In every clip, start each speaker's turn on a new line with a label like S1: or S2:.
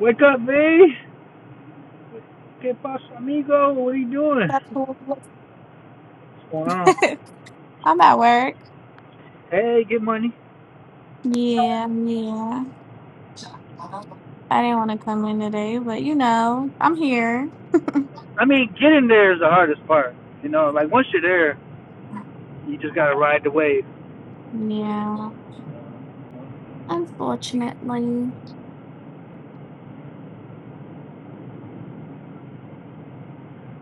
S1: Wake up, V. ¿Qué pasa, amigo? What are you doing?
S2: That's
S1: What's going on?
S2: I'm at work.
S1: Hey, get money.
S2: Yeah, yeah. I didn't want to come in today, but you know, I'm here.
S1: I mean, getting there is the hardest part. You know, like once you're there, you just gotta ride the wave.
S2: Yeah, unfortunately.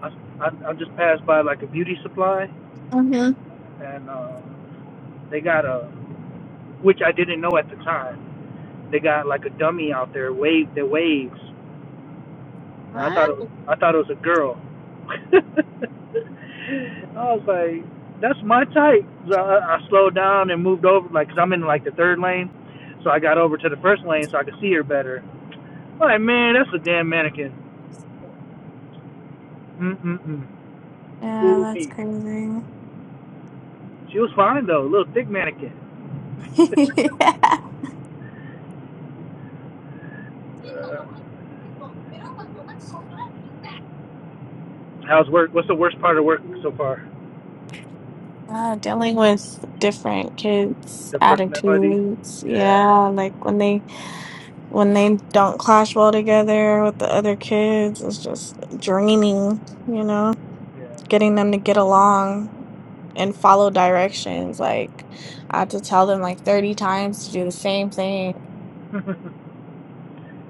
S1: I, I, I just passed by like a beauty supply,
S2: Mm-hmm.
S1: and uh, they got a, which I didn't know at the time. They got like a dummy out there, wave the waves, And I thought
S2: What?
S1: it was, I thought it was a girl. I was like, that's my type. So I, I slowed down and moved over, like, 'cause I'm in like the third lane. So I got over to the first lane so I could see her better. I'm like, man, that's a damn mannequin. Mm mm mm.
S2: Yeah,
S1: Fool
S2: that's
S1: me.
S2: crazy.
S1: She was fine though, little thick mannequin. uh,
S2: Yeah.
S1: how's work? What's the worst part of work so far?
S2: Uh, dealing with different kids'
S1: The personalities.
S2: attitudes.
S1: Yeah,
S2: Yeah, like when they when they don't clash well together with the other kids it's just draining you know
S1: yeah.
S2: getting them to get along and follow directions like i have to tell them like 30 times to do the same thing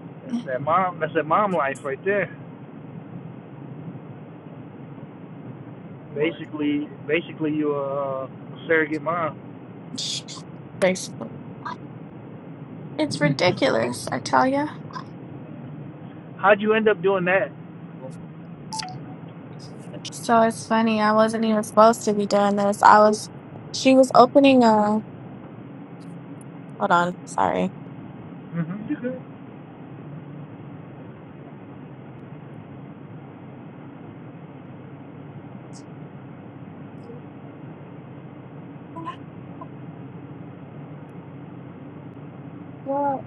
S1: that's that mom. That's that mom life right there. Basically, basically you a, uh, surrogate mom.
S2: it's it's ridiculous i tell you
S1: How'd you end up doing that?
S2: so it's funny i wasn't even supposed to be doing this i was she was opening a hold on sorry
S1: hmm
S2: What?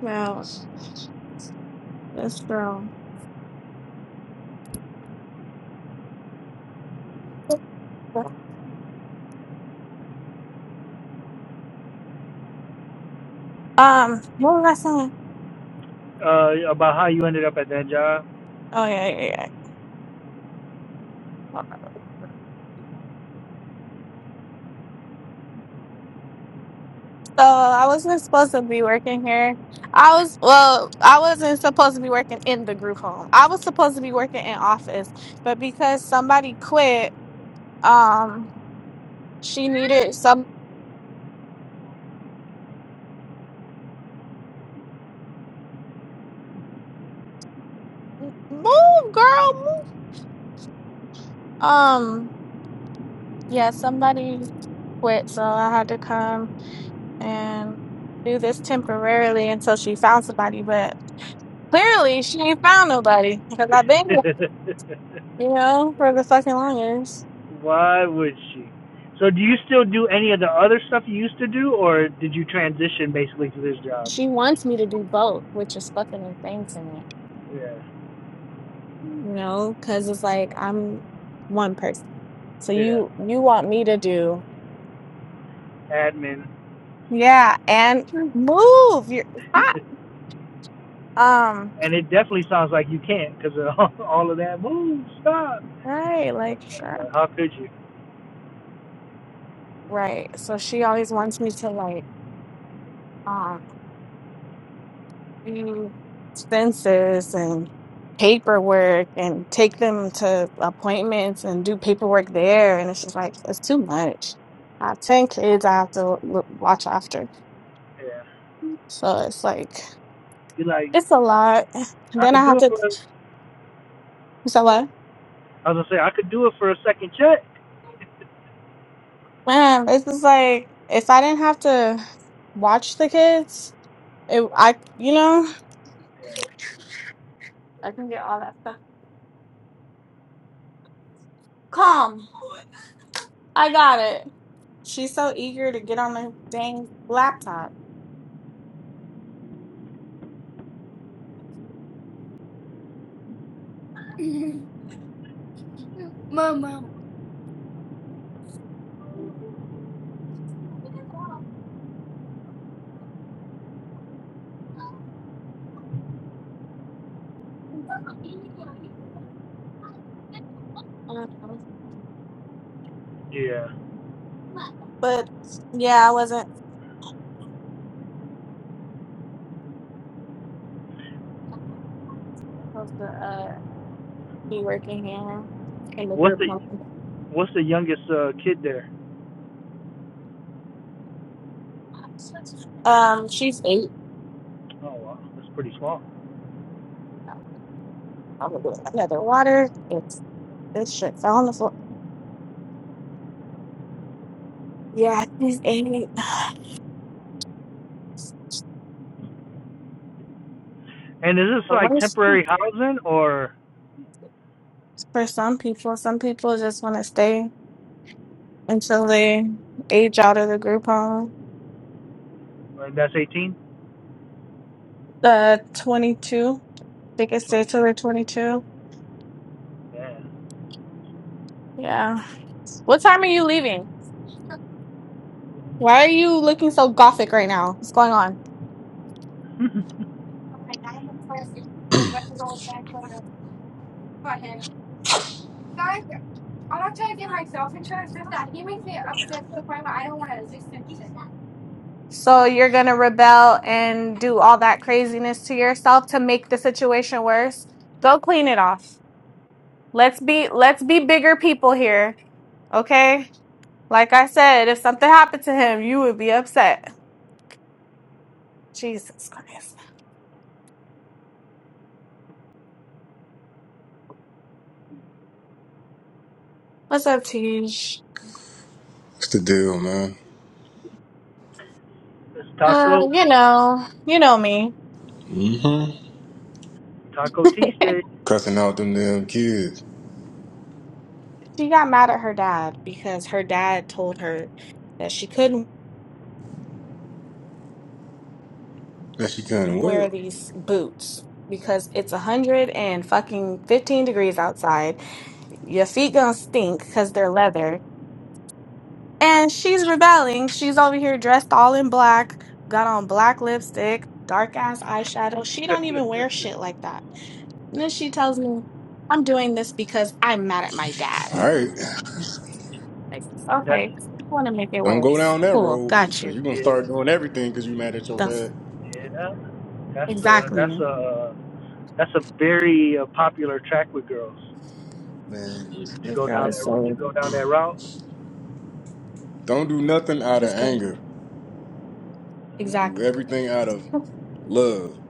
S2: No, this girl um what was i saying
S1: Uh, about how you ended up at that job?
S2: oh yeah yeah yeah So I wasn't supposed to be working here. I was well, I wasn't supposed to be working in the group home. I was supposed to be working in office, but because somebody quit, um, she needed some move, girl, move. Um, yeah, somebody quit, so I had to come and do this temporarily until she found somebody. But clearly, she ain't found nobody because I've been, here, you know, for the fucking longest.
S1: Why would she? So do you still do any of the other stuff you used to do, or did you transition basically to this job?
S2: She wants me to do both, which is fucking insane to me,
S1: Yeah,
S2: You know, because it's like I'm one person. So
S1: yeah,
S2: you you want me to do
S1: admin.
S2: yeah and move your stop. Um,
S1: And it definitely sounds like you can't because of all all of that. Move, stop.
S2: right, like sure.
S1: But how could you?
S2: Right. So she always wants me to like um do expenses and paperwork and take them to appointments and do paperwork there and it's just like it's too much. I have ten kids I have to look, watch after.
S1: Yeah,
S2: So it's like
S1: you're like,
S2: it's a lot.
S1: I, I
S2: Then I
S1: could do
S2: have
S1: it
S2: to
S1: for
S2: so what?
S1: I was gonna say I could do it for a second check.
S2: Man, it's just like if I didn't have to watch the kids, it I you know
S1: Yeah.
S2: I can get all that stuff. Calm. I got it. She's so eager to get on the dang laptop. Um,
S1: Yeah.
S2: but yeah, I wasn't supposed to uh be working here in the
S1: What's
S2: group
S1: the
S2: home.
S1: What's the youngest uh, kid there?
S2: Um, she's eight.
S1: Oh wow, that's pretty small.
S2: I'm gonna get another water. It's this shit fell on the floor. Yeah, she's eight.
S1: And is this
S2: But
S1: like
S2: what's
S1: temporary housing or,
S2: for some people, some people just want to stay until they age out of the group home.
S1: or that's 18?
S2: The 22, they can stay
S1: 22.
S2: till they're 22.
S1: Yeah.
S2: Yeah. What time are you leaving? Why are you looking so gothic right now? What's going on? So you're going to rebel and do all that craziness to yourself to make the situation worse? Go clean it off. Let's be let's be bigger people here, okay? Like I said, if something happened to him, you would be upset. Jesus Christ. What's up, Tish?
S3: What's the deal, man?
S1: It's
S2: Uh,
S1: taco
S2: you know, you know me.
S3: Mm-hmm.
S1: Taco Tuesday.
S3: Cussing out them damn kids.
S2: She got mad at her dad because her dad told her that she couldn't
S3: That she couldn't what?
S2: wear these boots because it's a hundred and fucking fifteen degrees outside. Your feet gonna stink because they're leather. And she's rebelling. She's over here dressed all in black, got on black lipstick, dark ass eyeshadow. She don't even wear shit like that. And then she tells me, I'm doing this because I'm mad at my dad.
S3: All right.
S2: Like,
S1: That's
S2: okay, so you want to make it
S3: Don't go
S2: worse.
S3: down that
S2: Cool,
S3: road
S2: got
S3: because
S2: you.
S3: you're going to
S1: yeah
S3: start doing everything because you mad at your
S2: That's
S3: dad.
S1: yeah. That's a
S2: exactly.
S1: that's a that's a very uh, popular track with girls
S3: Man, listen.
S1: to
S2: This
S1: go
S2: girl
S1: down that
S2: is
S1: to
S2: so.
S1: go down that route.
S3: Don't do nothing out of
S2: This girl,
S3: anger.
S1: Yeah.
S3: Do
S2: exactly.
S3: everything out of
S2: I
S3: love.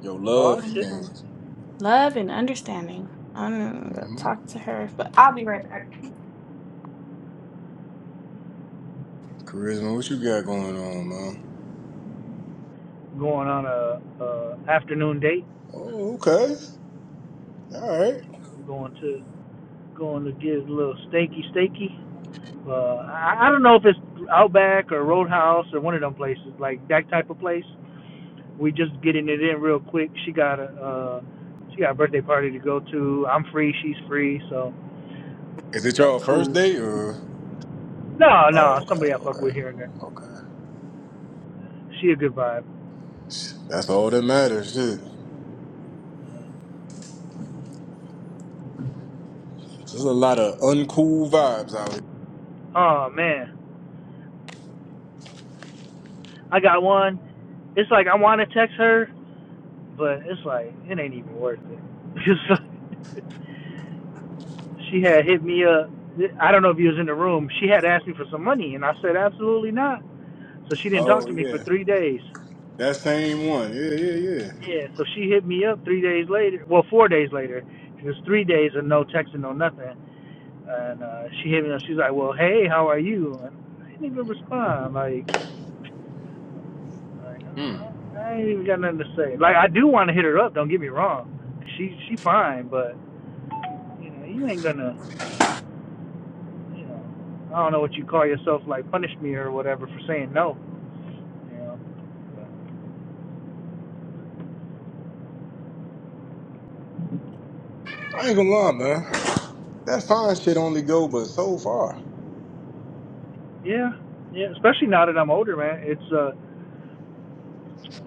S3: Your
S1: Oh
S3: love for
S1: shit,
S2: know.
S3: things.
S2: Love and understanding. I'm gonna
S3: hmm
S2: talk to her, but I'll be right back.
S3: Charisma, what you got going on, man?
S1: going on a, a afternoon date.
S3: Oh, okay. All right.
S1: I'm going to going to get a little steaky steaky. Uh, I, I don't know if it's Outback or Roadhouse or one of them places like that type of place. We just getting it in real quick. She got a uh, she got a birthday party to go to. I'm free. She's free. So I
S3: Is it
S1: like,
S3: your first
S1: cool.
S3: date or?
S1: No,
S3: Oh,
S1: no,
S3: okay,
S1: somebody I fuck with
S3: okay,
S1: here and there.
S3: okay.
S1: She a good vibe.
S3: That's all that matters. Shit. There's a lot of uncool vibes out
S1: Oh man, I got one. It's like I want to text her, but it's like it ain't even worth it. It's like, she had hit me up. I don't know if you was in the room. She had asked me for some money, and I said absolutely not. So she didn't talk
S3: Oh
S1: to me for
S3: yeah,
S1: three days.
S3: that same one. Yeah, yeah, yeah.
S1: Yeah. So she hit me up three days later. Well, four days later. It was three days of no texting, no nothing. And uh, she hit me up. She's like, "Well, hey, how are you?" And I didn't even respond. Like, like
S3: Mm.
S1: uh, I ain't even got nothing to say. Like, I do want to hit her up. Don't get me wrong. She she fine, but you know, you ain't gonna. you know, I don't know what you call yourself, like punish me or whatever for saying no
S3: I ain't gonna lie, man. That fine shit only go but so far.
S1: Yeah, yeah. Especially now that I'm older, man. It's uh,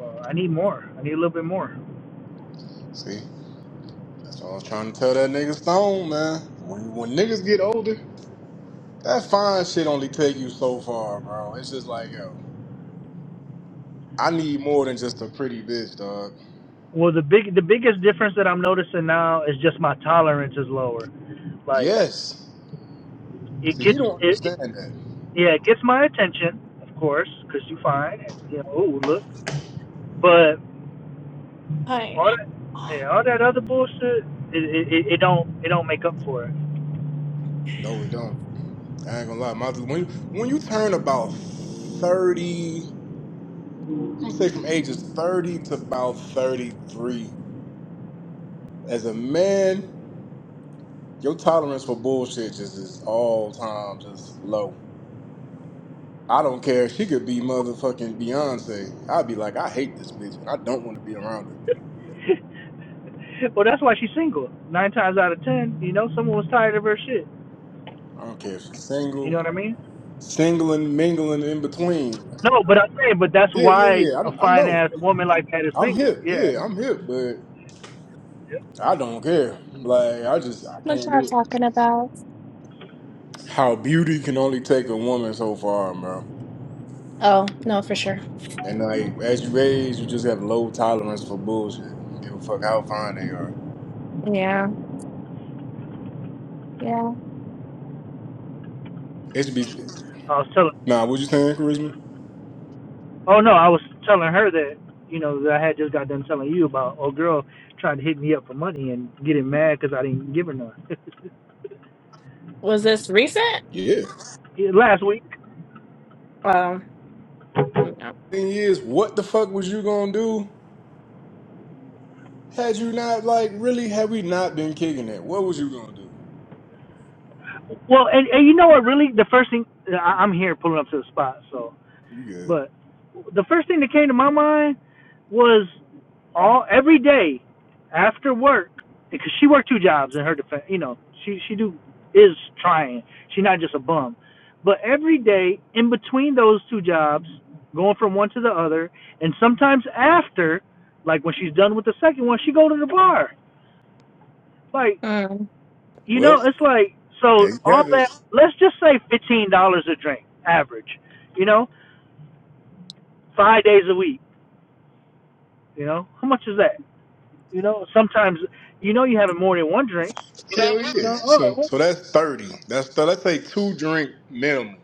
S1: uh, I need more. I need a little bit more.
S3: See, that's what I was trying to tell that nigga Stone, man. When when niggas get older, that fine shit only take you so far, bro. It's just like yo, I need more than just a pretty bitch, dog.
S1: Well, the big, the biggest difference that I'm noticing now is just my tolerance is lower. Like,
S3: Yes.
S1: it
S3: See, he
S1: gets,
S3: don't
S1: it, it
S3: understand that.
S1: yeah, it gets my attention, of course, 'cause you find, and, you know, oh look. But
S2: Hi,
S1: all that, yeah, all that other bullshit, it, it, it it don't, it don't make up for
S3: No, it don't. I ain't gonna lie. My, when when you turn about thirty, I'm gonna say from ages thirty to about thirty three. as a man, your tolerance for bullshit just is all time just low. I don't care. She could be motherfucking Beyonce. I'd be like, I hate this bitch and I don't want to be around her.
S1: it. well, that's why she's single. Nine times out of ten, you know, someone was tired of her shit.
S3: I don't care if she's
S1: You
S3: single,
S1: know what I mean?
S3: single and mingling in between.
S1: No, but I'm saying, but that's
S3: Yeah, yeah,
S1: why
S3: yeah.
S1: a
S3: I, I
S1: fine
S3: know.
S1: ass woman like that is
S3: I'm
S1: single.
S3: hip.
S1: Yeah,
S3: Yeah, I'm hip, but I don't care. Like, I just, I
S2: what
S3: can't do
S2: y'all
S3: it.
S2: talking about?
S3: How beauty can only take a woman so far, bro.
S2: Oh no, for sure.
S3: And like, as you age, you just have low tolerance for bullshit. I don't give a fuck how fine they are.
S2: Yeah, yeah.
S3: HB.
S1: I was telling.
S3: Nah, what you saying, charisma?
S1: Oh no, I was telling her that you know that I had just got done telling you about a girl trying to hit me up for money and getting mad because I didn't give her none
S2: Was this recent?
S3: Yeah.
S1: Yeah, last week.
S2: Um. Mm, yeah.
S3: Thing is, what the fuck was you gonna do? Had you not like really? Had we not been kicking it, what was you gonna do?
S1: Well, and and you know what? Really, the first thing I, I'm here pulling up to the spot, so
S3: You good?
S1: But the first thing that came to my mind was all every day after work because she worked two jobs in her defense. You know, she she do is trying. She's not just a bum. But every day in between those two jobs, going from one to the other, and sometimes after, like when she's done with the second one, she go to the bar. Like
S2: Mm.
S1: you know,
S3: Well,
S1: it's like so
S3: there you
S1: all
S3: have it.
S1: that. Let's just say fifteen dollars a drink average. You know, five days a week You know, how much is that? You know, sometimes you know you having more than one drink.
S3: Hell
S1: You
S3: yeah.
S1: know, oh,
S3: So,
S1: what?
S3: so that's thirty. That's th- let's say two drink minimum.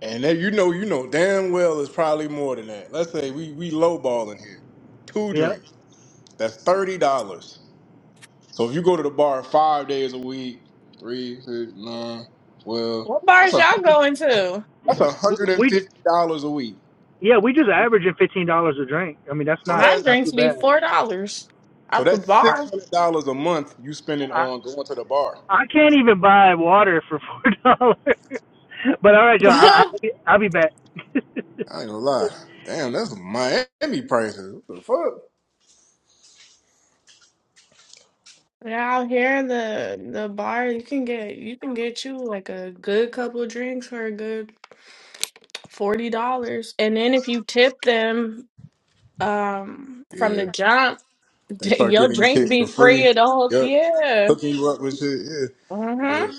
S3: And that you know, you know damn well it's probably more than that. Let's say we we lowballing here. Two
S1: yeah,
S3: drinks. That's thirty dollars. So if you go to the bar five days a week, three, six, nine, twelve.
S2: What bars y'all going to?
S3: That's one hundred and
S1: we
S3: fifty dollars a week.
S1: yeah we just averaging fifteen dollars a drink. I mean, that's
S3: So
S1: not
S2: My
S3: that's
S1: not
S2: drinks
S1: too
S2: be
S1: bad.
S2: four dollars
S3: so
S2: at the
S3: that's
S1: Um,
S3: six
S2: bar.
S3: hundred dollars a month you spending
S1: I
S3: on going to the bar.
S1: I can't even buy water for four dollars. But all right, John, I, I'll be I'll be back.
S3: I ain't gonna lie. Damn, that's Miami prices. What the fuck?
S2: Yeah, out here in the the bar, you can get you can get you like a good couple of drinks for a good forty dollars, and then if you tip them um from the
S3: Yeah.
S2: jump,
S3: They start
S2: your
S3: giving you
S2: drink
S3: shit for
S2: be free
S3: free.
S2: at the whole
S3: Yep.
S2: yeah.
S3: Hooking you up with shit. Yeah.
S2: Mm-hmm.
S3: But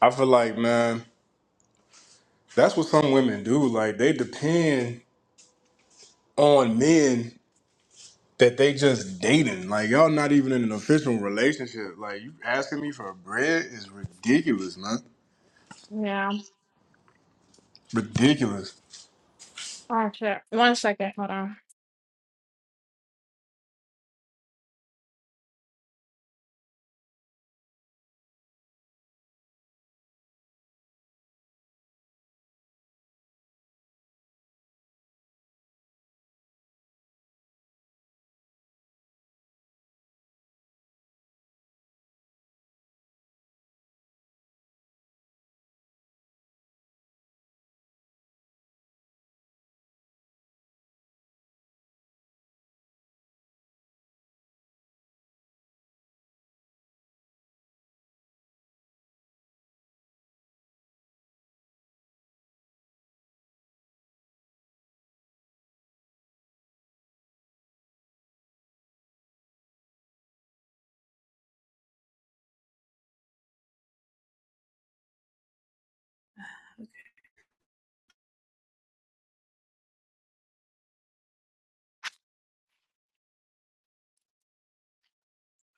S3: I feel like, man, that's what some women do. Like they depend on men that they just dating. Like y'all not even in an official relationship. Like you asking me for bread is ridiculous, man.
S2: Yeah.
S3: Ridiculous.
S2: Oh shit. One second. Hold on.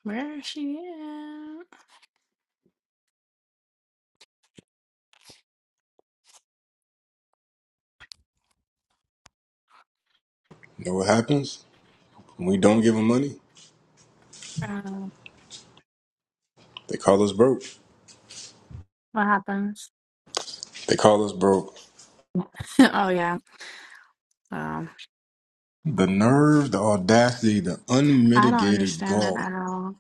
S2: Where is she at?
S3: You know what happens? When we don't give them money,
S2: Um,
S3: they call us broke.
S2: what happens?
S3: They call us broke.
S2: oh yeah. Um,
S3: The nerve, the audacity, the
S2: I don't
S3: unmitigated
S2: understand that
S3: gall.
S2: at all.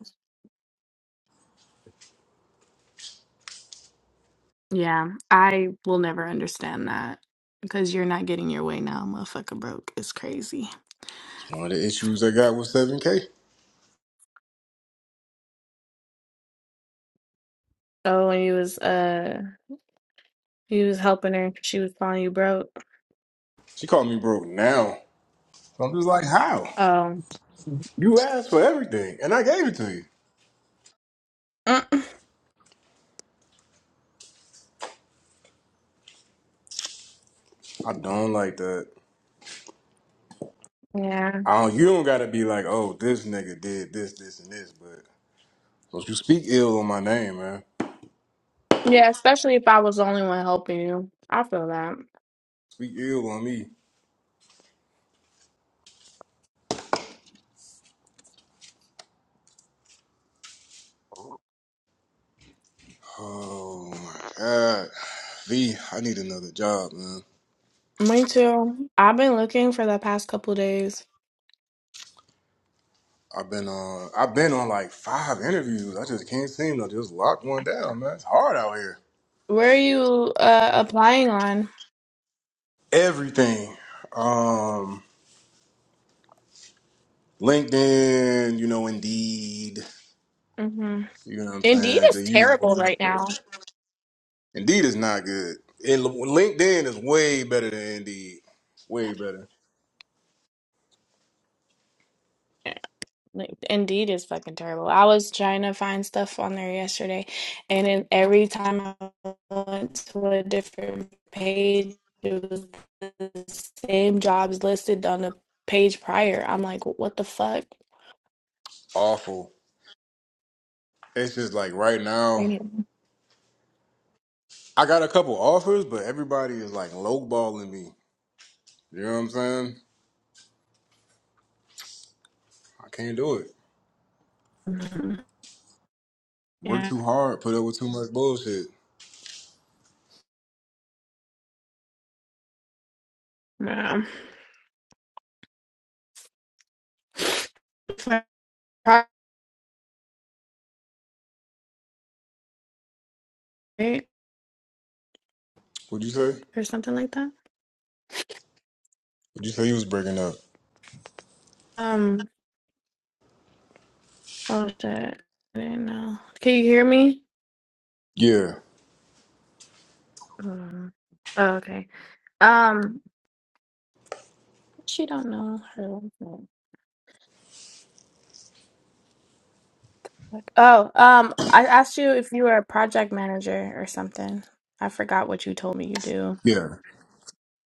S2: Yeah, I will never understand that because you're not getting your way now, motherfucker. Broke is crazy.
S3: It's one of the issues I got with 7K.
S2: Oh, when you was uh you was helping her 'cause she was calling you broke.
S3: She called me broke now. So I'm just like, how?
S2: Oh.
S3: You asked for everything and I gave it to you.
S2: Mm.
S3: I don't like that.
S2: Yeah.
S3: I don't, you don't gotta be like, oh, this nigga did this, this, and this, but don't you speak ill on my name, man.
S2: Yeah, especially if I was the only one helping you. I feel that.
S3: Speak ill on me. Oh my god. V, I need another job, man.
S2: Me too. I've been looking for the past couple days.
S3: I've been on. I've been on like five interviews. I just can't seem to just lock one down, man. It's hard out here.
S2: Where are you uh applying on?
S3: Everything. Um, LinkedIn, you know, Indeed.
S2: hmm
S3: You know what I'm
S2: Indeed
S3: saying? The
S2: is
S3: usual
S2: terrible right now.
S3: suspects. Indeed is not good. And LinkedIn is way better than Indeed. Way better.
S2: Yeah, like, Indeed is fucking terrible. I was trying to find stuff on there yesterday, and then every time I went to a different page, it was the same jobs listed on the page prior. I'm like, what the fuck?
S3: Awful. It's just like right now,
S2: Damn.
S3: I got a couple offers, but everybody is like lowballing me. You know what I'm saying? I can't do it.
S2: Mhm.
S3: Work
S2: Yeah,
S3: too hard. Put up with too much bullshit.
S2: yeah. Right?
S3: What'd you say?
S2: Or something like that.
S3: Would you say you was breaking up?
S2: Um, Oh shit. I didn't know. Can you hear me?
S3: Yeah,
S2: Mm. Oh, okay. Um she don't know her. Oh, um I asked you if you were a project manager or something. I forgot what you told me you do.
S3: yeah,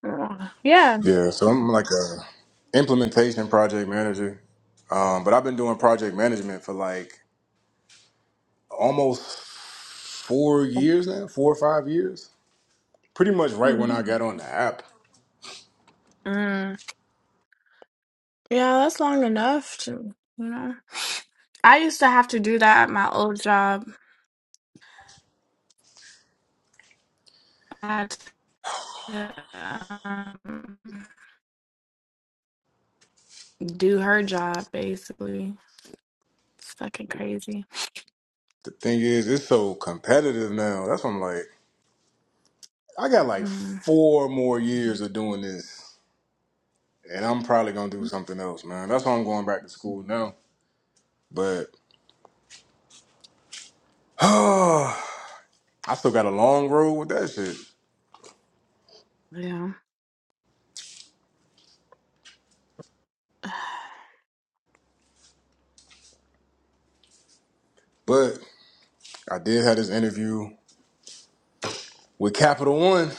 S2: Mm. Yeah.
S3: yeah. So I'm like a implementation project manager, um, but I've been doing project management for like almost four years now, four or five years. Pretty much right when I got
S2: Mhm.
S3: on the app.
S2: Mm. Yeah, that's long enough to, you know. I used to have to do that at my old job. to um, do her job basically. It's fucking crazy.
S3: The thing is, it's so competitive now. That's what I'm like. I got like
S2: Mm,
S3: four more years of doing this, and I'm probably gonna do something else, man. That's why I'm going back to school now. But I still got a long road with that shit.
S2: yeah.
S3: But I did have this interview with Capital One.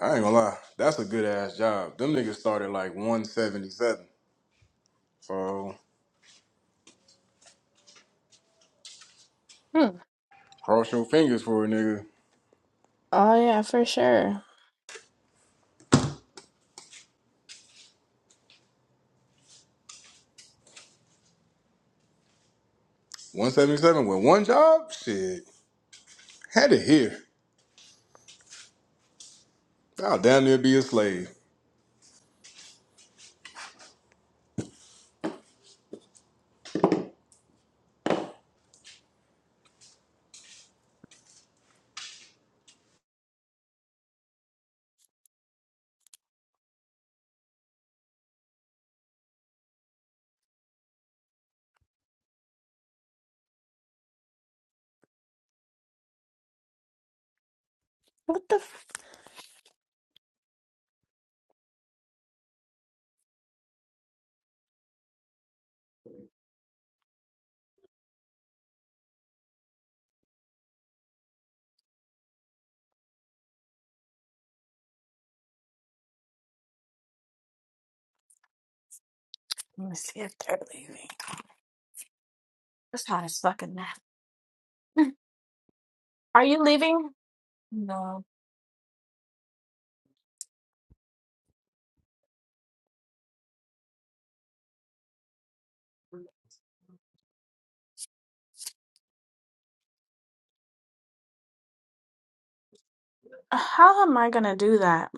S3: I ain't gonna lie, that's a good ass job. Them niggas started like 177. So
S2: Hmm.
S3: cross your fingers for a nigga.
S2: Oh yeah, for sure.
S3: 177 with one job? Shit. Had it here. I'll damn near be a slave.
S2: What the? F- Let me see if they're leaving. It's hot as fucking that. Are you leaving? No. How am I gonna do that?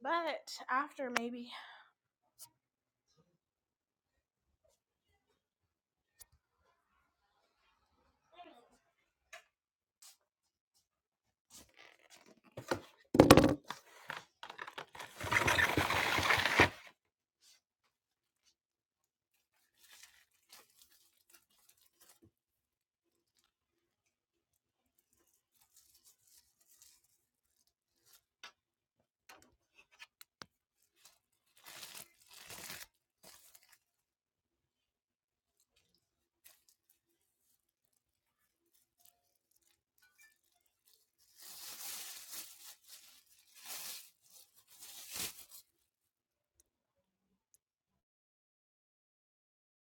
S2: But after maybe